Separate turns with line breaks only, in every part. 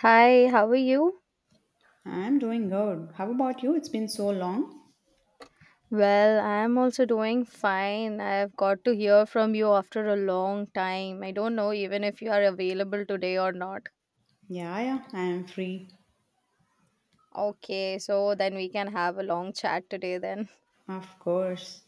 Hi, how are you?
I'm doing good. How about you? It's been so long.
Well, I'm also doing fine. I've got to hear from you after a long time. I don't know even if you are available today or not.
Yeah, yeah, I am free.
Okay, so then we can have a long chat today then.
Of course.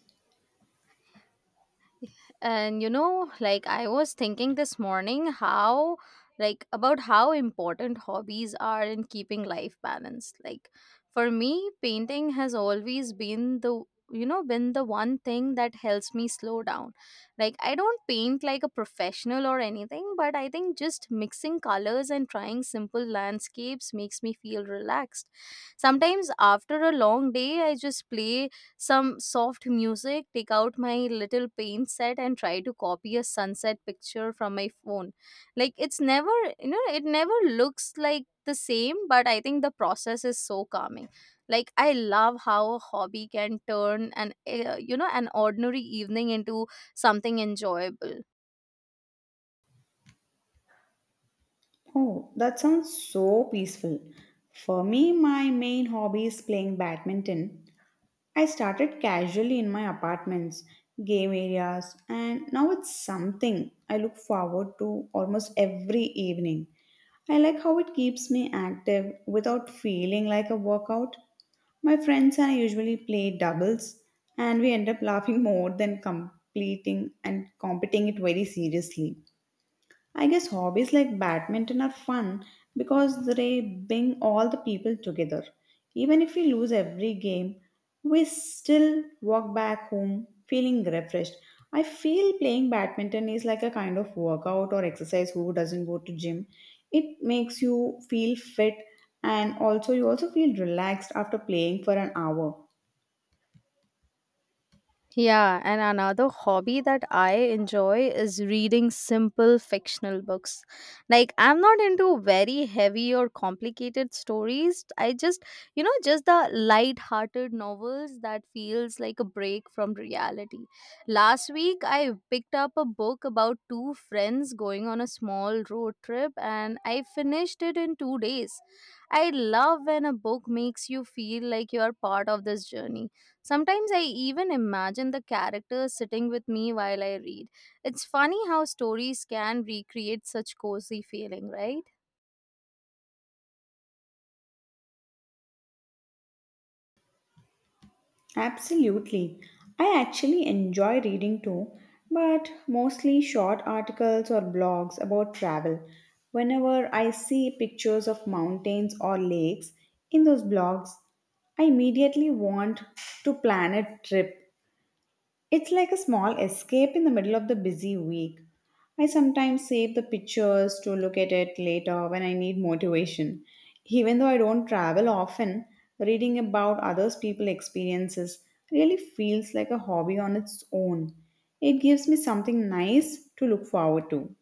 And you know, like, I was thinking this morning how like about how important hobbies are in keeping life balanced. Like, for me, painting has always been the you know been the one thing that helps me slow down. Like, I don't paint like a professional or anything, but I think just mixing colors and trying simple landscapes makes me feel relaxed. Sometimes after a long day I just play some soft music, take out my little paint set and try to copy a sunset picture from my phone. Like it never looks like the same, but I think the process is so calming. Like, I love how a hobby can turn an you know an ordinary evening into something enjoyable.
Oh, that sounds so peaceful. For me, my main hobby is playing badminton. I started casually in my apartments, game areas, and now it's something I look forward to almost every evening. I like how it keeps me active without feeling like a workout. My friends and I usually play doubles, and we end up laughing more than completing and competing it very seriously. I guess hobbies like badminton are fun because they bring all the people together. Even if we lose every game, we still walk back home feeling refreshed. I feel playing badminton is like a kind of workout or exercise who doesn't go to gym. It makes you feel fit and also you also feel relaxed after playing for an hour.
Yeah, and another hobby that I enjoy is reading simple fictional books. Like, I'm not into very heavy or complicated stories. I just the light-hearted novels that feels like a break from reality. Last week, I picked up a book about two friends going on a small road trip, and I finished it in 2 days. I love when a book makes you feel like you're part of this journey. Sometimes I even imagine the characters sitting with me while I read. It's funny how stories can recreate such cozy feeling, right?
Absolutely. I actually enjoy reading too, but mostly short articles or blogs about travel. Whenever I see pictures of mountains or lakes in those blogs, I immediately want to plan a trip. It's like a small escape in the middle of the busy week. I sometimes save the pictures to look at it later when I need motivation. Even though I don't travel often, reading about others people experiences really feels like a hobby on its own. It gives me something nice to look forward to.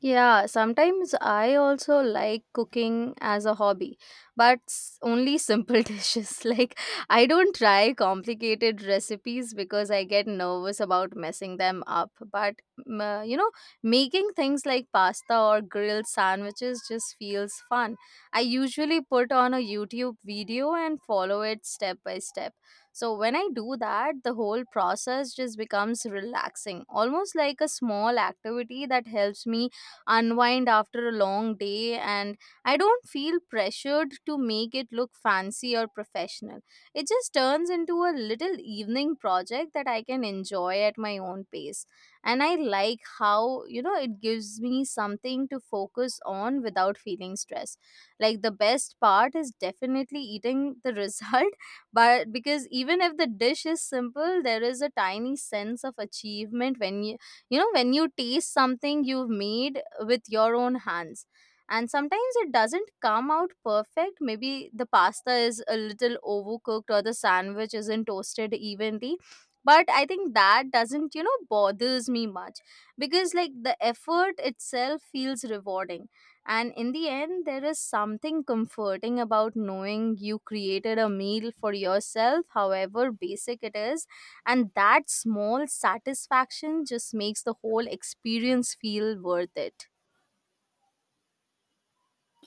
Yeah, sometimes I also like cooking as a hobby, but only simple dishes. Like, I don't try complicated recipes because I get nervous about messing them up. But m- uh, you know, making things like pasta or grilled sandwiches just feels fun. I usually put on a YouTube video and follow it step by step. So, when I do that, the whole process just becomes relaxing, almost like a small activity that helps me unwind after a long day, and I don't feel pressured to make it look fancy or professional. It just turns into a little evening project that I can enjoy at my own pace. And I like how, you know, it gives me something to focus on without feeling stressed. Like, the best part is definitely eating the result, but because even if the dish is simple, there is a tiny sense of achievement when you taste something you've made with your own hands. And sometimes it doesn't come out perfect. Maybe the pasta is a little overcooked or the sandwich isn't toasted evenly, but I think that doesn't bothers me much, because like, the effort itself feels rewarding. And in the end there is something comforting about knowing you created a meal for yourself, however basic it is, and that small satisfaction just makes the whole experience feel worth it.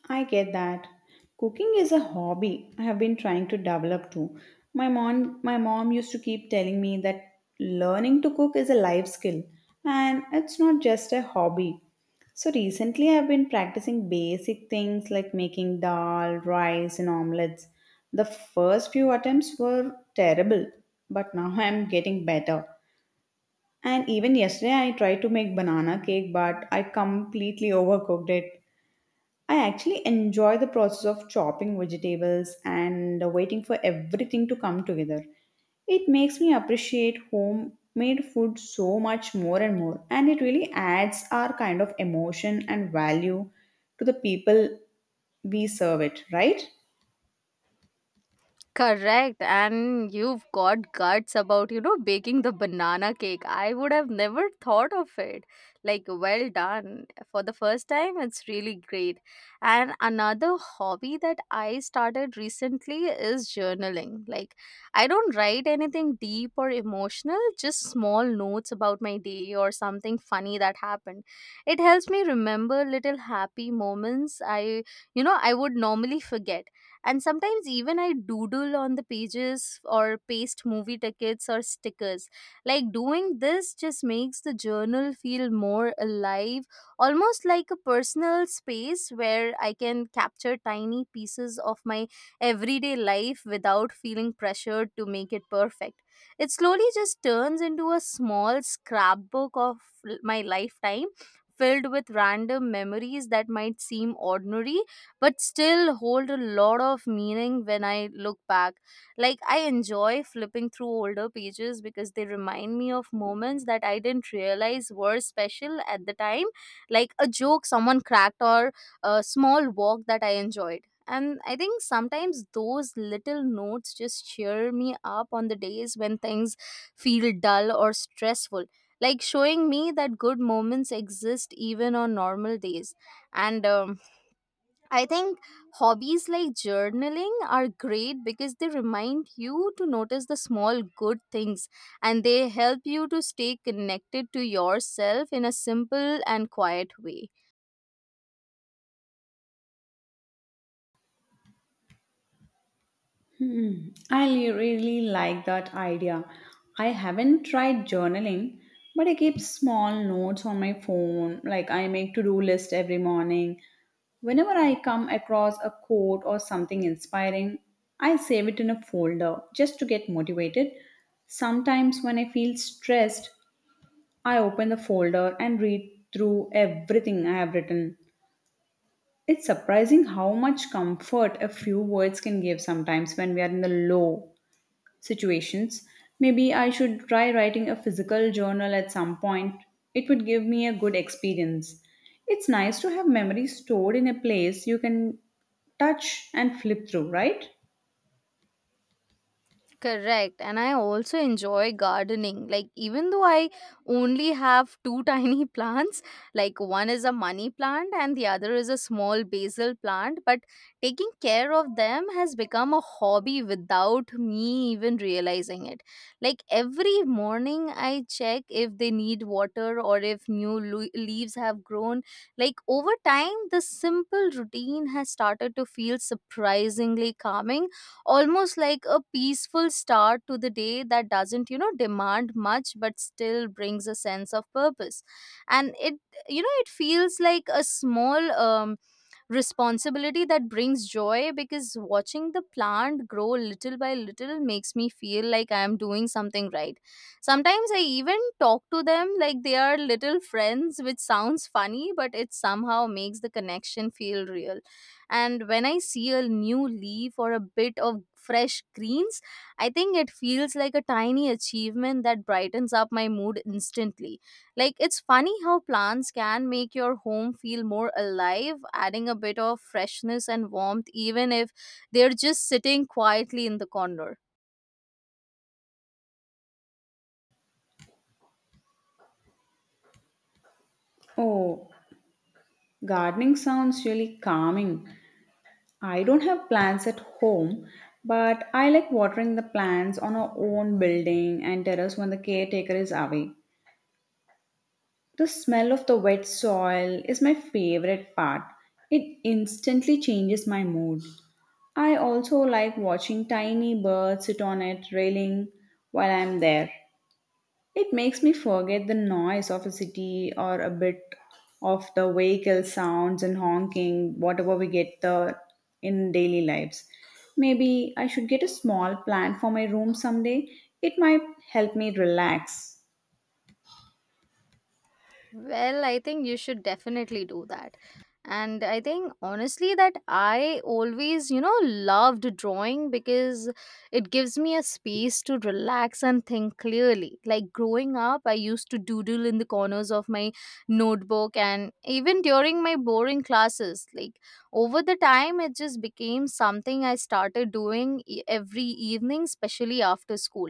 I get that. Cooking is a hobby I have been trying to develop too. My mom used to keep telling me that learning to cook is a life skill and it's not just a hobby. So recently I've been practicing basic things like making dal, rice and omelets. The first few attempts were terrible, but now I'm getting better. And even yesterday I tried to make banana cake, but I completely overcooked it. I actually enjoy the process of chopping vegetables and waiting for everything to come together. It makes me appreciate homemade food so much more and more, and it really adds our kind of emotion and value to the people we serve it, right?
Correct. And you've got guts about, baking the banana cake. I would have never thought of it. Like, well done. For the first time, it's really great. And another hobby that I started recently is journaling. Like, I don't write anything deep or emotional, just small notes about my day or something funny that happened. It helps me remember little happy moments I would normally forget. And sometimes even I doodle on the pages or paste movie tickets or stickers. Like, doing this just makes the journal feel more alive, almost like a personal space where I can capture tiny pieces of my everyday life without feeling pressured to make it perfect. It slowly just turns into a small scrapbook of my lifetime, filled with random memories that might seem ordinary but still hold a lot of meaning when I look back. Like, I enjoy flipping through older pages because they remind me of moments that I didn't realize were special at the time, like a joke someone cracked or a small walk that I enjoyed. And I think sometimes those little notes just cheer me up on the days when things feel dull or stressful, like showing me that good moments exist even on normal days. And I think hobbies like journaling are great because they remind you to notice the small good things and they help you to stay connected to yourself in a simple and quiet way.
Hmm. Really like that idea. I haven't tried journaling, but I keep small notes on my phone. Like, I make to-do list every morning. Whenever I come across a quote or something inspiring, I save it in a folder just to get motivated. Sometimes, when I feel stressed, I open the folder and read through everything I have written. It's surprising how much comfort a few words can give sometimes when we are in the low situations. Maybe I should try writing a physical journal at some point. It would give me a good experience. It's nice to have memories stored in a place you can touch and flip through, right?
Correct. And I also enjoy gardening. Like, even though I only have two tiny plants, like one is a money plant and the other is a small basil plant, but taking care of them has become a hobby without me even realizing it. Like, every morning I check if they need water or if new leaves have grown. Like, over time, this simple routine has started to feel surprisingly calming, almost like a peaceful start to the day that doesn't demand much but still brings a sense of purpose. And it you know it feels like a small responsibility that brings joy, because watching the plant grow little by little makes me feel like I am doing something right. Sometimes I even talk to them like they are little friends, which sounds funny, but it somehow makes the connection feel real. And when I see a new leaf or a bit of fresh greens, I think it feels like a tiny achievement that brightens up my mood instantly. Like, it's funny how plants can make your home feel more alive, adding a bit of freshness and warmth even if they're just sitting quietly in the corner.
Oh, gardening sounds really calming. I don't have plants at home, but I like watering the plants on our own building and terrace when the caretaker is away. The smell of the wet soil is my favorite part. It instantly changes my mood. I also like watching tiny birds sit on its railing while I'm there. It makes me forget the noise of a city or a bit of the vehicle sounds and honking, whatever we get the in daily lives. Maybe I should get a small plant for my room someday. It might help me relax.
Well, I think you should definitely do that. And I think honestly that I always, loved drawing because it gives me a space to relax and think clearly. Like, growing up, I used to doodle in the corners of my notebook and even during my boring classes. Like, over the time, it just became something I started doing every evening, especially after school.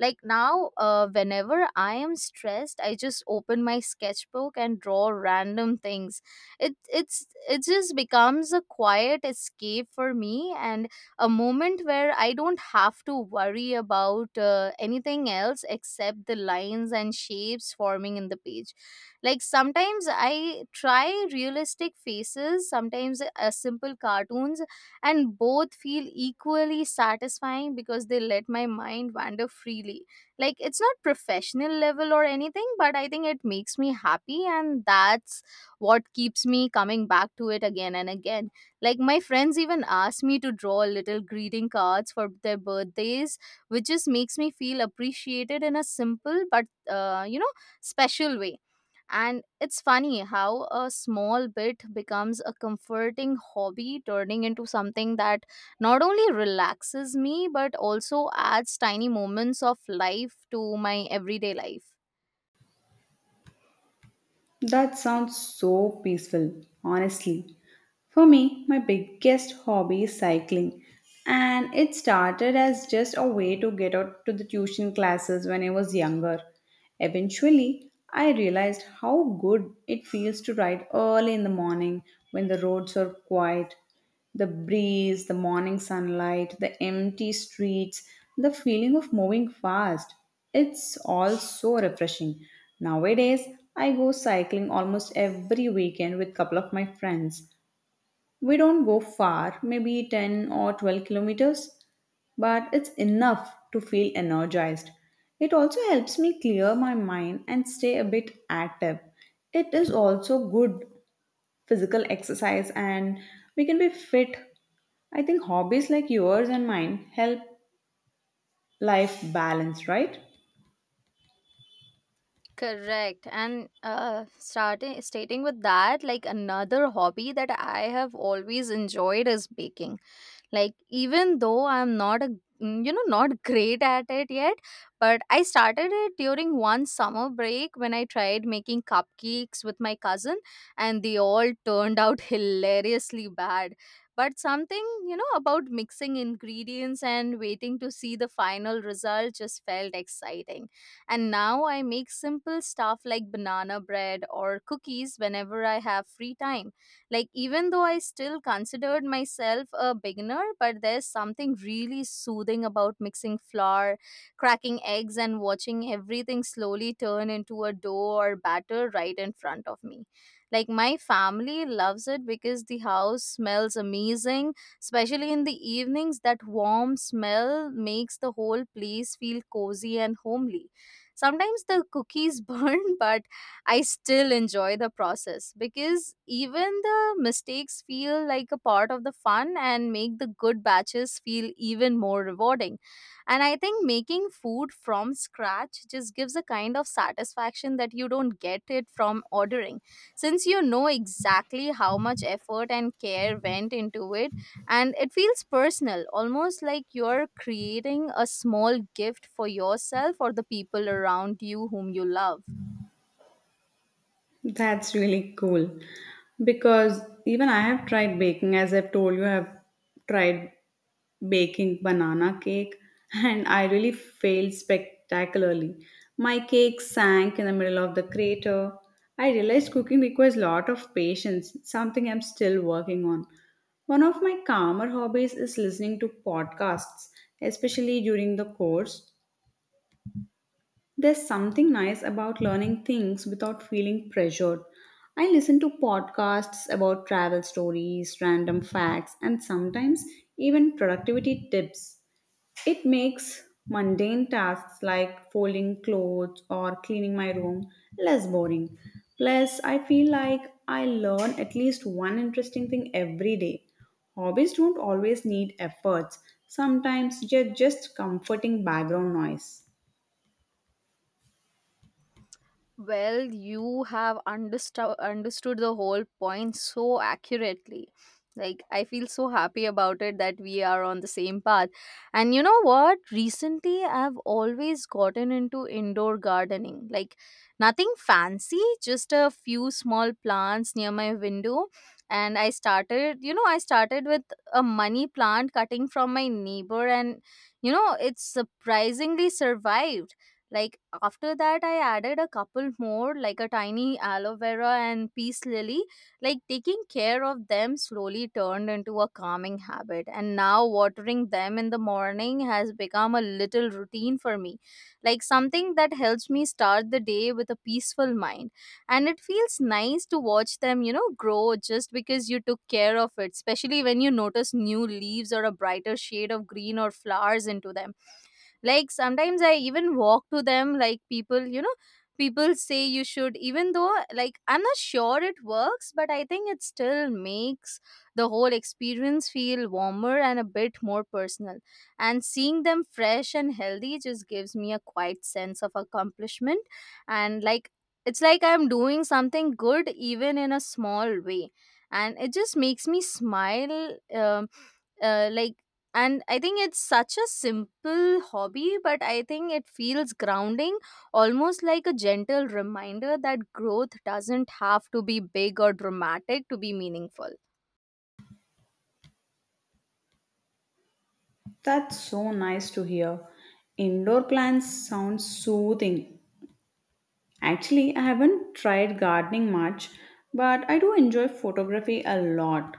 Like, now, whenever I am stressed, I just open my sketchbook and draw random things. It just becomes a quiet escape for me and a moment where I don't have to worry about anything else except the lines and shapes forming in the page. Like, sometimes I try realistic faces, sometimes a simple cartoons, and both feel equally satisfying because they let my mind wander freely. Like, it's not professional level or anything, but I think it makes me happy and that's what keeps me coming back to it again and again. Like, my friends even ask me to draw little greeting cards for their birthdays, which just makes me feel appreciated in a simple but special way. And it's funny how a small bit becomes a comforting hobby, turning into something that not only relaxes me, but also adds tiny moments of life to my everyday life.
That sounds so peaceful, honestly. For me, my biggest hobby is cycling, and it started as just a way to get out to the tuition classes when I was younger. Eventually, I realized how good it feels to ride early in the morning when the roads are quiet. The breeze, the morning sunlight, the empty streets, the feeling of moving fast. It's all so refreshing. Nowadays, I go cycling almost every weekend with a couple of my friends. We don't go far, maybe 10 or 12 kilometers, but it's enough to feel energized. It also helps me clear my mind and stay a bit active. It is also good physical exercise and we can be fit. I think hobbies like yours and mine help life balance, right?
Correct. And starting stating with that, like, another hobby that I have always enjoyed is baking. Like, even though I'm not a mm, you know not great at it yet, but I started it during one summer break when I tried making cupcakes with my cousin, and they all turned out hilariously bad. But something, about mixing ingredients and waiting to see the final result, just felt exciting. And now I make simple stuff like banana bread or cookies whenever I have free time. Like, even though I still considered myself a beginner, but there's something really soothing about mixing flour, cracking eggs, and watching everything slowly turn into a dough or batter right in front of me. Like, my family loves it because the house smells amazing, especially in the evenings. That warm smell makes the whole place feel cozy and homely. Sometimes the cookies burn, but I still enjoy the process because even the mistakes feel like a part of the fun and make the good batches feel even more rewarding. And I think making food from scratch just gives a kind of satisfaction that you don't get it from ordering, since you know exactly how much effort and care went into it. And it feels personal, almost like you're creating a small gift for yourself or the people around you whom you love.
That's really cool because even I have tried baking. As I've told you, I've tried baking banana cake and I really failed spectacularly. My cake sank in the middle of the crater. I realized cooking requires a lot of patience, something I'm still working on. One of my calmer hobbies is listening to podcasts, especially during the course. There's something nice about learning things without feeling pressured. I listen to podcasts about travel stories, random facts, and sometimes even productivity tips. It makes mundane tasks like folding clothes or cleaning my room less boring. Plus, I feel like I learn at least one interesting thing every day. Hobbies don't always need efforts, sometimes they're just comforting background noise.
Well, you have understood the whole point so accurately. Like, I feel so happy about it that we are on the same path. And you know what? Recently, I've always gotten into indoor gardening. Like, nothing fancy, just a few small plants near my window. And I started with a money plant cutting from my neighbor. And it surprisingly survived. Like, after that, I added a couple more, like a tiny aloe vera and peace lily. Like taking care of them slowly turned into a calming habit, and now watering them in the morning has become a little routine for me, like something that helps me start the day with a peaceful mind. And it feels nice to watch them, you know, grow just because you took care of it, especially when you notice new leaves or a brighter shade of green or flowers into them. Like sometimes I even walk to them like people, people say you should, even though like I'm not sure it works, but I think it still makes the whole experience feel warmer and a bit more personal. And seeing them fresh and healthy just gives me a quiet sense of accomplishment. And like it's like I'm doing something good even in a small way, and it just makes me smile. Like, and I think it's such a simple hobby, but I think it feels grounding, almost like a gentle reminder that growth doesn't have to be big or dramatic to be meaningful.
That's so nice to hear. Indoor plants sound soothing. Actually, I haven't tried gardening much, but I do enjoy photography a lot.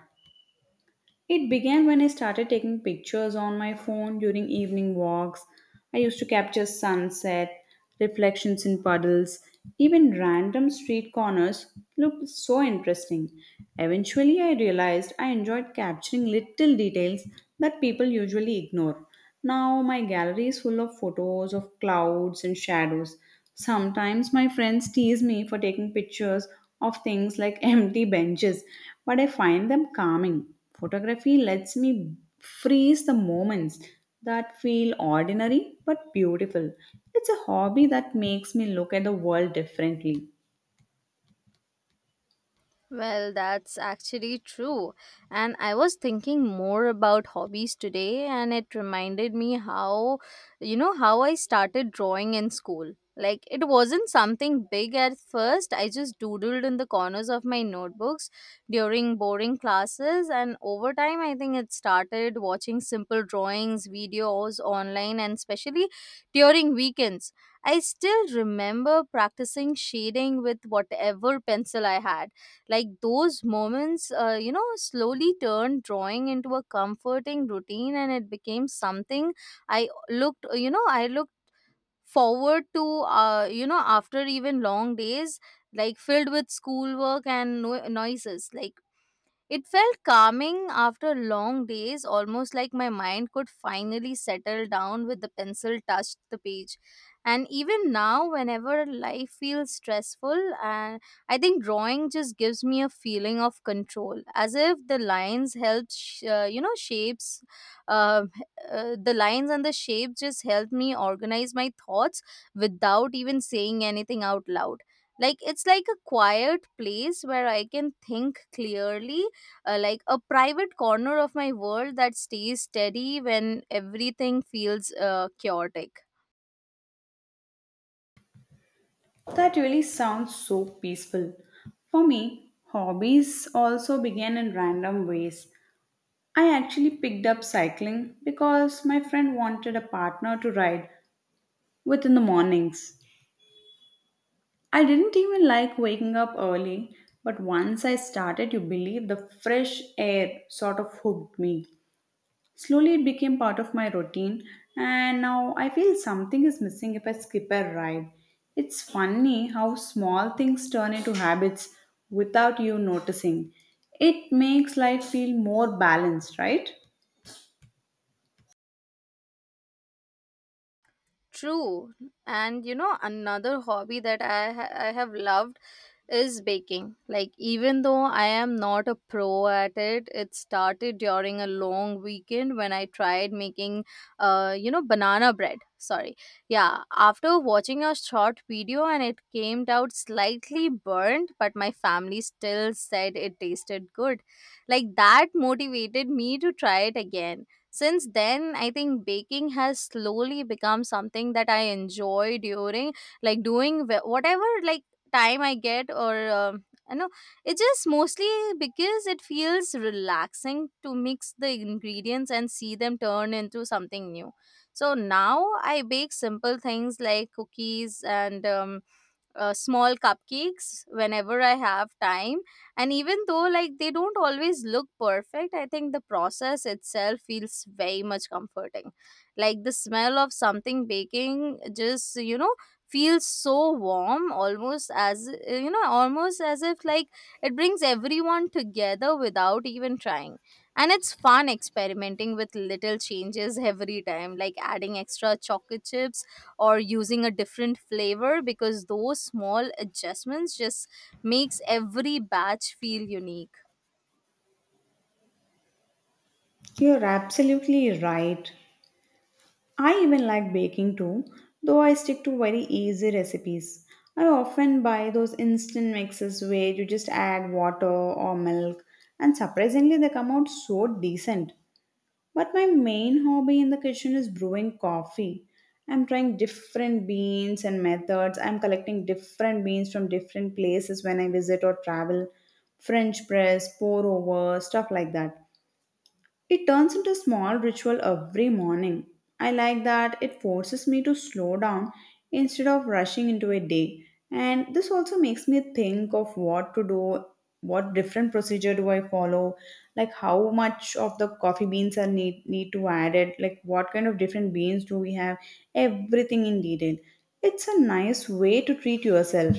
It began when I started taking pictures on my phone during evening walks. I used to capture sunset, reflections in puddles, even random street corners looked so interesting. Eventually, I realized I enjoyed capturing little details that people usually ignore. Now, my gallery is full of photos of clouds and shadows. Sometimes my friends tease me for taking pictures of things like empty benches, but I find them calming. Photography lets me freeze the moments that feel ordinary but beautiful. It's a hobby that makes me look at the world differently.
Well, that's actually true. And I was thinking more about hobbies today, and it reminded me how, you know, how I started drawing in school. Like, it wasn't something big at first. I just doodled in the corners of my notebooks during boring classes. And over time, I think it started watching simple drawings, videos online, and especially during weekends. I still remember practicing shading with whatever pencil I had, like those moments slowly turned drawing into a comforting routine, and it became something I looked forward to, after even long days, like filled with schoolwork and noises. Like it felt calming after long days, almost like my mind could finally settle down with the pencil touched the page. And even now, whenever life feels stressful, and I think drawing just gives me a feeling of control, as if the lines help, shapes. Uh, the lines and the shape just help me organize my thoughts without even saying anything out loud. Like it's like a quiet place where I can think clearly, like a private corner of my world that stays steady when everything feels chaotic.
That really sounds so peaceful. For me, hobbies also began in random ways. I actually picked up cycling because my friend wanted a partner to ride with in the mornings. I didn't even like waking up early, but once I started, you believe, the fresh air sort of hooked me. Slowly, it became part of my routine, and now I feel something is missing if I skip a ride. It's funny how small things turn into habits without you noticing. It makes life feel more balanced, right?
True. And you know, another hobby that I have loved is baking. Like, even though I am not a pro at it, it started during a long weekend when I tried making, banana bread. Sorry. Yeah. After watching a short video, and it came out slightly burnt, but my family still said it tasted good. Like, that motivated me to try it again. Since then, I think baking has slowly become something that I enjoy during, like, doing whatever like time I get. Or it's just mostly because it feels relaxing to mix the ingredients and see them turn into something new. So now I bake simple things like cookies and small cupcakes whenever I have time. And even though like they don't always look perfect, I think the process itself feels very much comforting. Like the smell of something baking just, you know, feels so warm, almost as, you know, almost as if like it brings everyone together without even trying. And it's fun experimenting with little changes every time, like adding extra chocolate chips or using a different flavor, because those small adjustments just makes every batch feel unique.
You're absolutely right. I even like baking too, though I stick to very easy recipes. I often buy those instant mixes where you just add water or milk, and surprisingly, they come out so decent. But my main hobby in the kitchen is brewing coffee. I'm trying different beans and methods. I'm collecting different beans from different places when I visit or travel. French press, pour over, stuff like that. It turns into a small ritual every morning. I like that it forces me to slow down instead of rushing into a day. And this also makes me think of what to do, what different procedure do I follow, like how much of the coffee beans are need to add it, like what kind of different beans do we have, everything in detail. It's a nice way to treat yourself.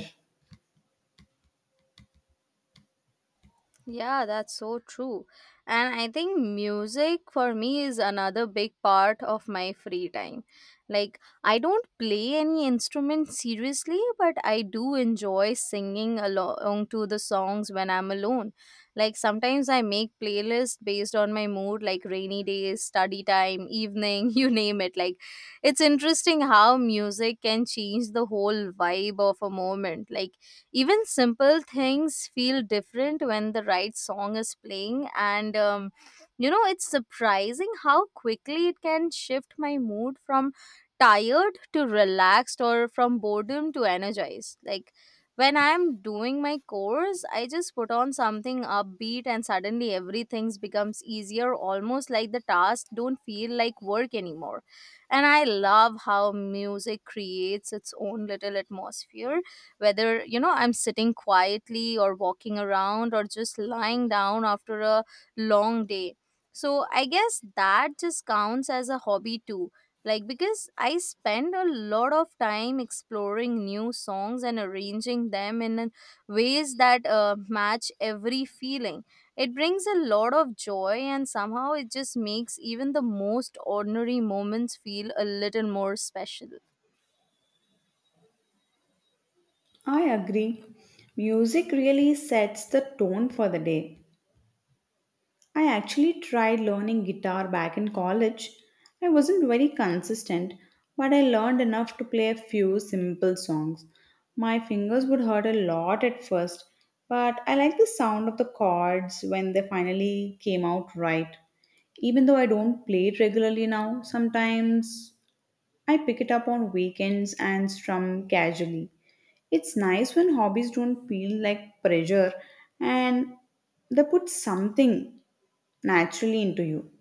Yeah, that's so true. And I think music for me is another big part of my free time. Like, I don't play any instrument seriously, but I do enjoy singing along to the songs when I'm alone. Like, sometimes I make playlists based on my mood, like rainy days, study time, evening, you name it. Like, it's interesting how music can change the whole vibe of a moment. Like, even simple things feel different when the right song is playing, and you know, it's surprising how quickly it can shift my mood from tired to relaxed, or from boredom to energized. Like when I'm doing my course, I just put on something upbeat and suddenly everything becomes easier, almost like the task don't feel like work anymore. And I love how music creates its own little atmosphere, whether, you know, I'm sitting quietly or walking around or just lying down after a long day. So I guess that just counts as a hobby too, like, because I spend a lot of time exploring new songs and arranging them in ways that match every feeling. It brings a lot of joy, and somehow it just makes even the most ordinary moments feel a little more special.
I agree. Music really sets the tone for the day. I actually tried learning guitar back in college. I wasn't very consistent, but I learned enough to play a few simple songs. My fingers would hurt a lot at first, but I liked the sound of the chords when they finally came out right. Even though I don't play it regularly now, sometimes I pick it up on weekends and strum casually. It's nice when hobbies don't feel like pressure and they put something naturally into you.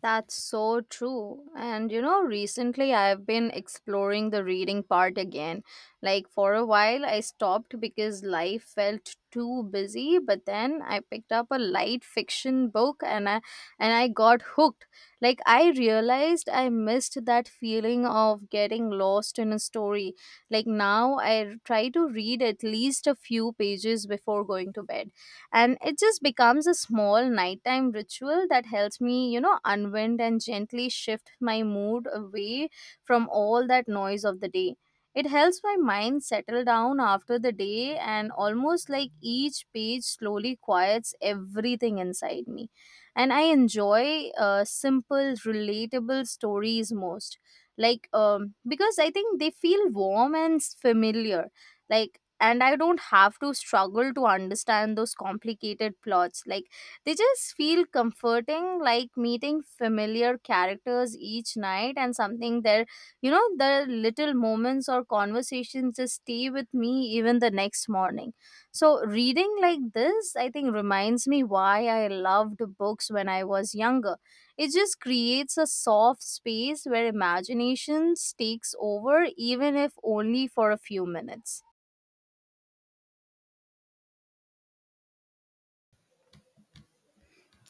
That's so true. And you know, recently I've been exploring the reading part again. Like for a while I stopped because life felt too busy, but then I picked up a light fiction book and I got hooked. Like I realized I missed that feeling of getting lost in a story. Like now I try to read at least a few pages before going to bed, and it just becomes a small nighttime ritual that helps me, you know, unwind and gently shift my mood away from all that noise of the day. It helps my mind settle down after the day, and almost like each page slowly quiets everything inside me. And I enjoy simple relatable stories most, like, because I think they feel warm and familiar. Like, and I don't have to struggle to understand those complicated plots. Like they just feel comforting, like meeting familiar characters each night, and something there, you know, the little moments or conversations just stay with me even the next morning. So reading like this, I think, reminds me why I loved books when I was younger. It just creates a soft space where imagination takes over, even if only for a few minutes.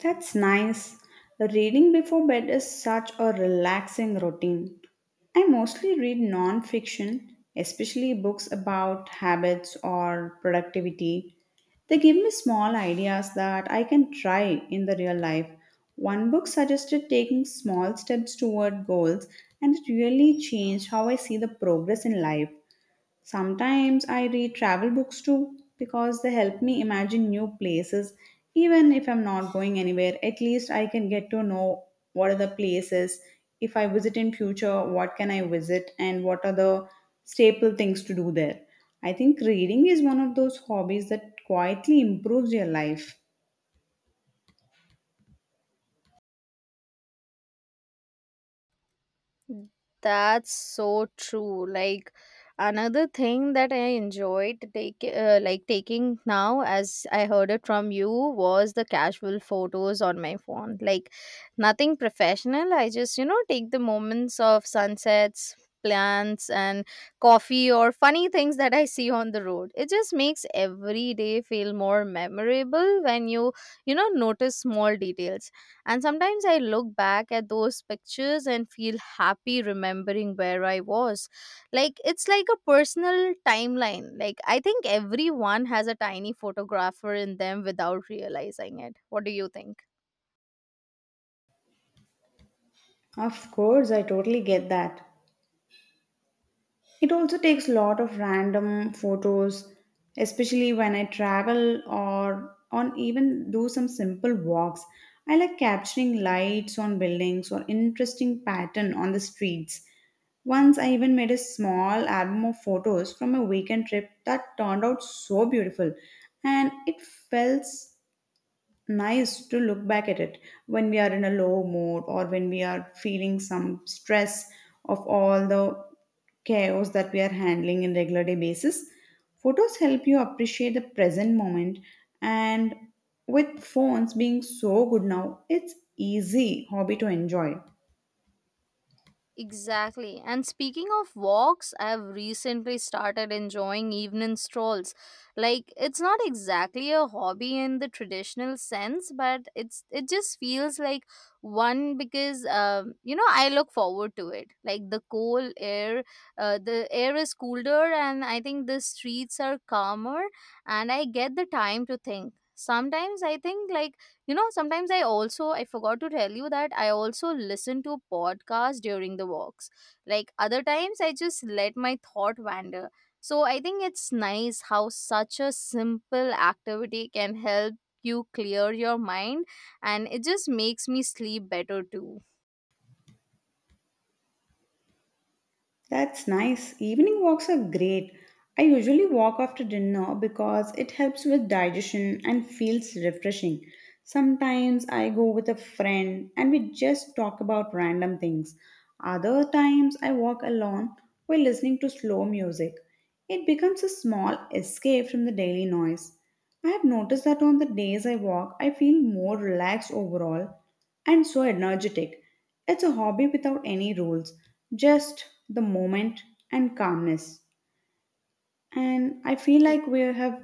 That's nice. Reading before bed is such a relaxing routine. I mostly read non fiction, especially books about habits or productivity. They give me small ideas that I can try in the real life. One book suggested taking small steps toward goals, and it really changed how I see the progress in life. Sometimes I read travel books too because they help me imagine new places. Even if I'm not going anywhere, at least I can get to know what are the places. If I visit in future, what can I visit and what are the staple things to do there. I think reading is one of those hobbies that quietly improves your life.
That's so true. Like another thing that I enjoyed take like taking now as I heard it from you was the casual photos on my phone. Like nothing professional. I just, you know, take the moments of sunsets, plants, and coffee, or funny things that I see on the road. It just makes every day feel more memorable when you know, notice small details. And sometimes I look back at those pictures and feel happy remembering where I was. Like it's like a personal timeline. Like I think everyone has a tiny photographer in them without realizing it. What do you think?
Of course, I totally get that. It also takes a lot of random photos, especially when I travel or on even do some simple walks. I like capturing lights on buildings or interesting pattern on the streets. Once I even made a small album of photos from a weekend trip that turned out so beautiful, and it felt nice to look back at it when we are in a low mood or when we are feeling some stress of all the chaos that we are handling in regular day basis. Photos help you appreciate the present moment, and with phones being so good now, it's easy hobby to enjoy.
Exactly. And speaking of walks, I've recently started enjoying evening strolls. Like it's not exactly a hobby in the traditional sense, but it just feels like one because you know I look forward to it. Like the cool air, the air is cooler, and I think the streets are calmer, and I get the time to think. Sometimes I think like, you know, sometimes I forgot to tell you that I also listen to podcasts during the walks. Like other times I just let my thought wander. So I think it's nice how such a simple activity can help you clear your mind, and it just makes me sleep better too.
That's nice. Evening walks are great. I usually walk after dinner because it helps with digestion and feels refreshing. Sometimes I go with a friend and we just talk about random things. Other times I walk alone while listening to slow music. It becomes a small escape from the daily noise. I have noticed that on the days I walk, I feel more relaxed overall and so energetic. It's a hobby without any rules, just the moment and calmness. And I feel
Y-
like we have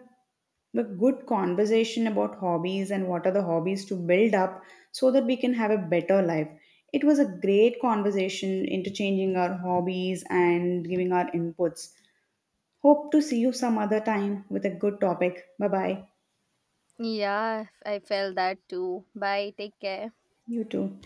a good conversation about hobbies and what are the hobbies to build up so that we can have a better life. It was a great conversation, interchanging our hobbies and giving our inputs. Hope to see you some other time with a good topic. Bye bye.
Yeah, I felt that too. Bye, take care.
You too.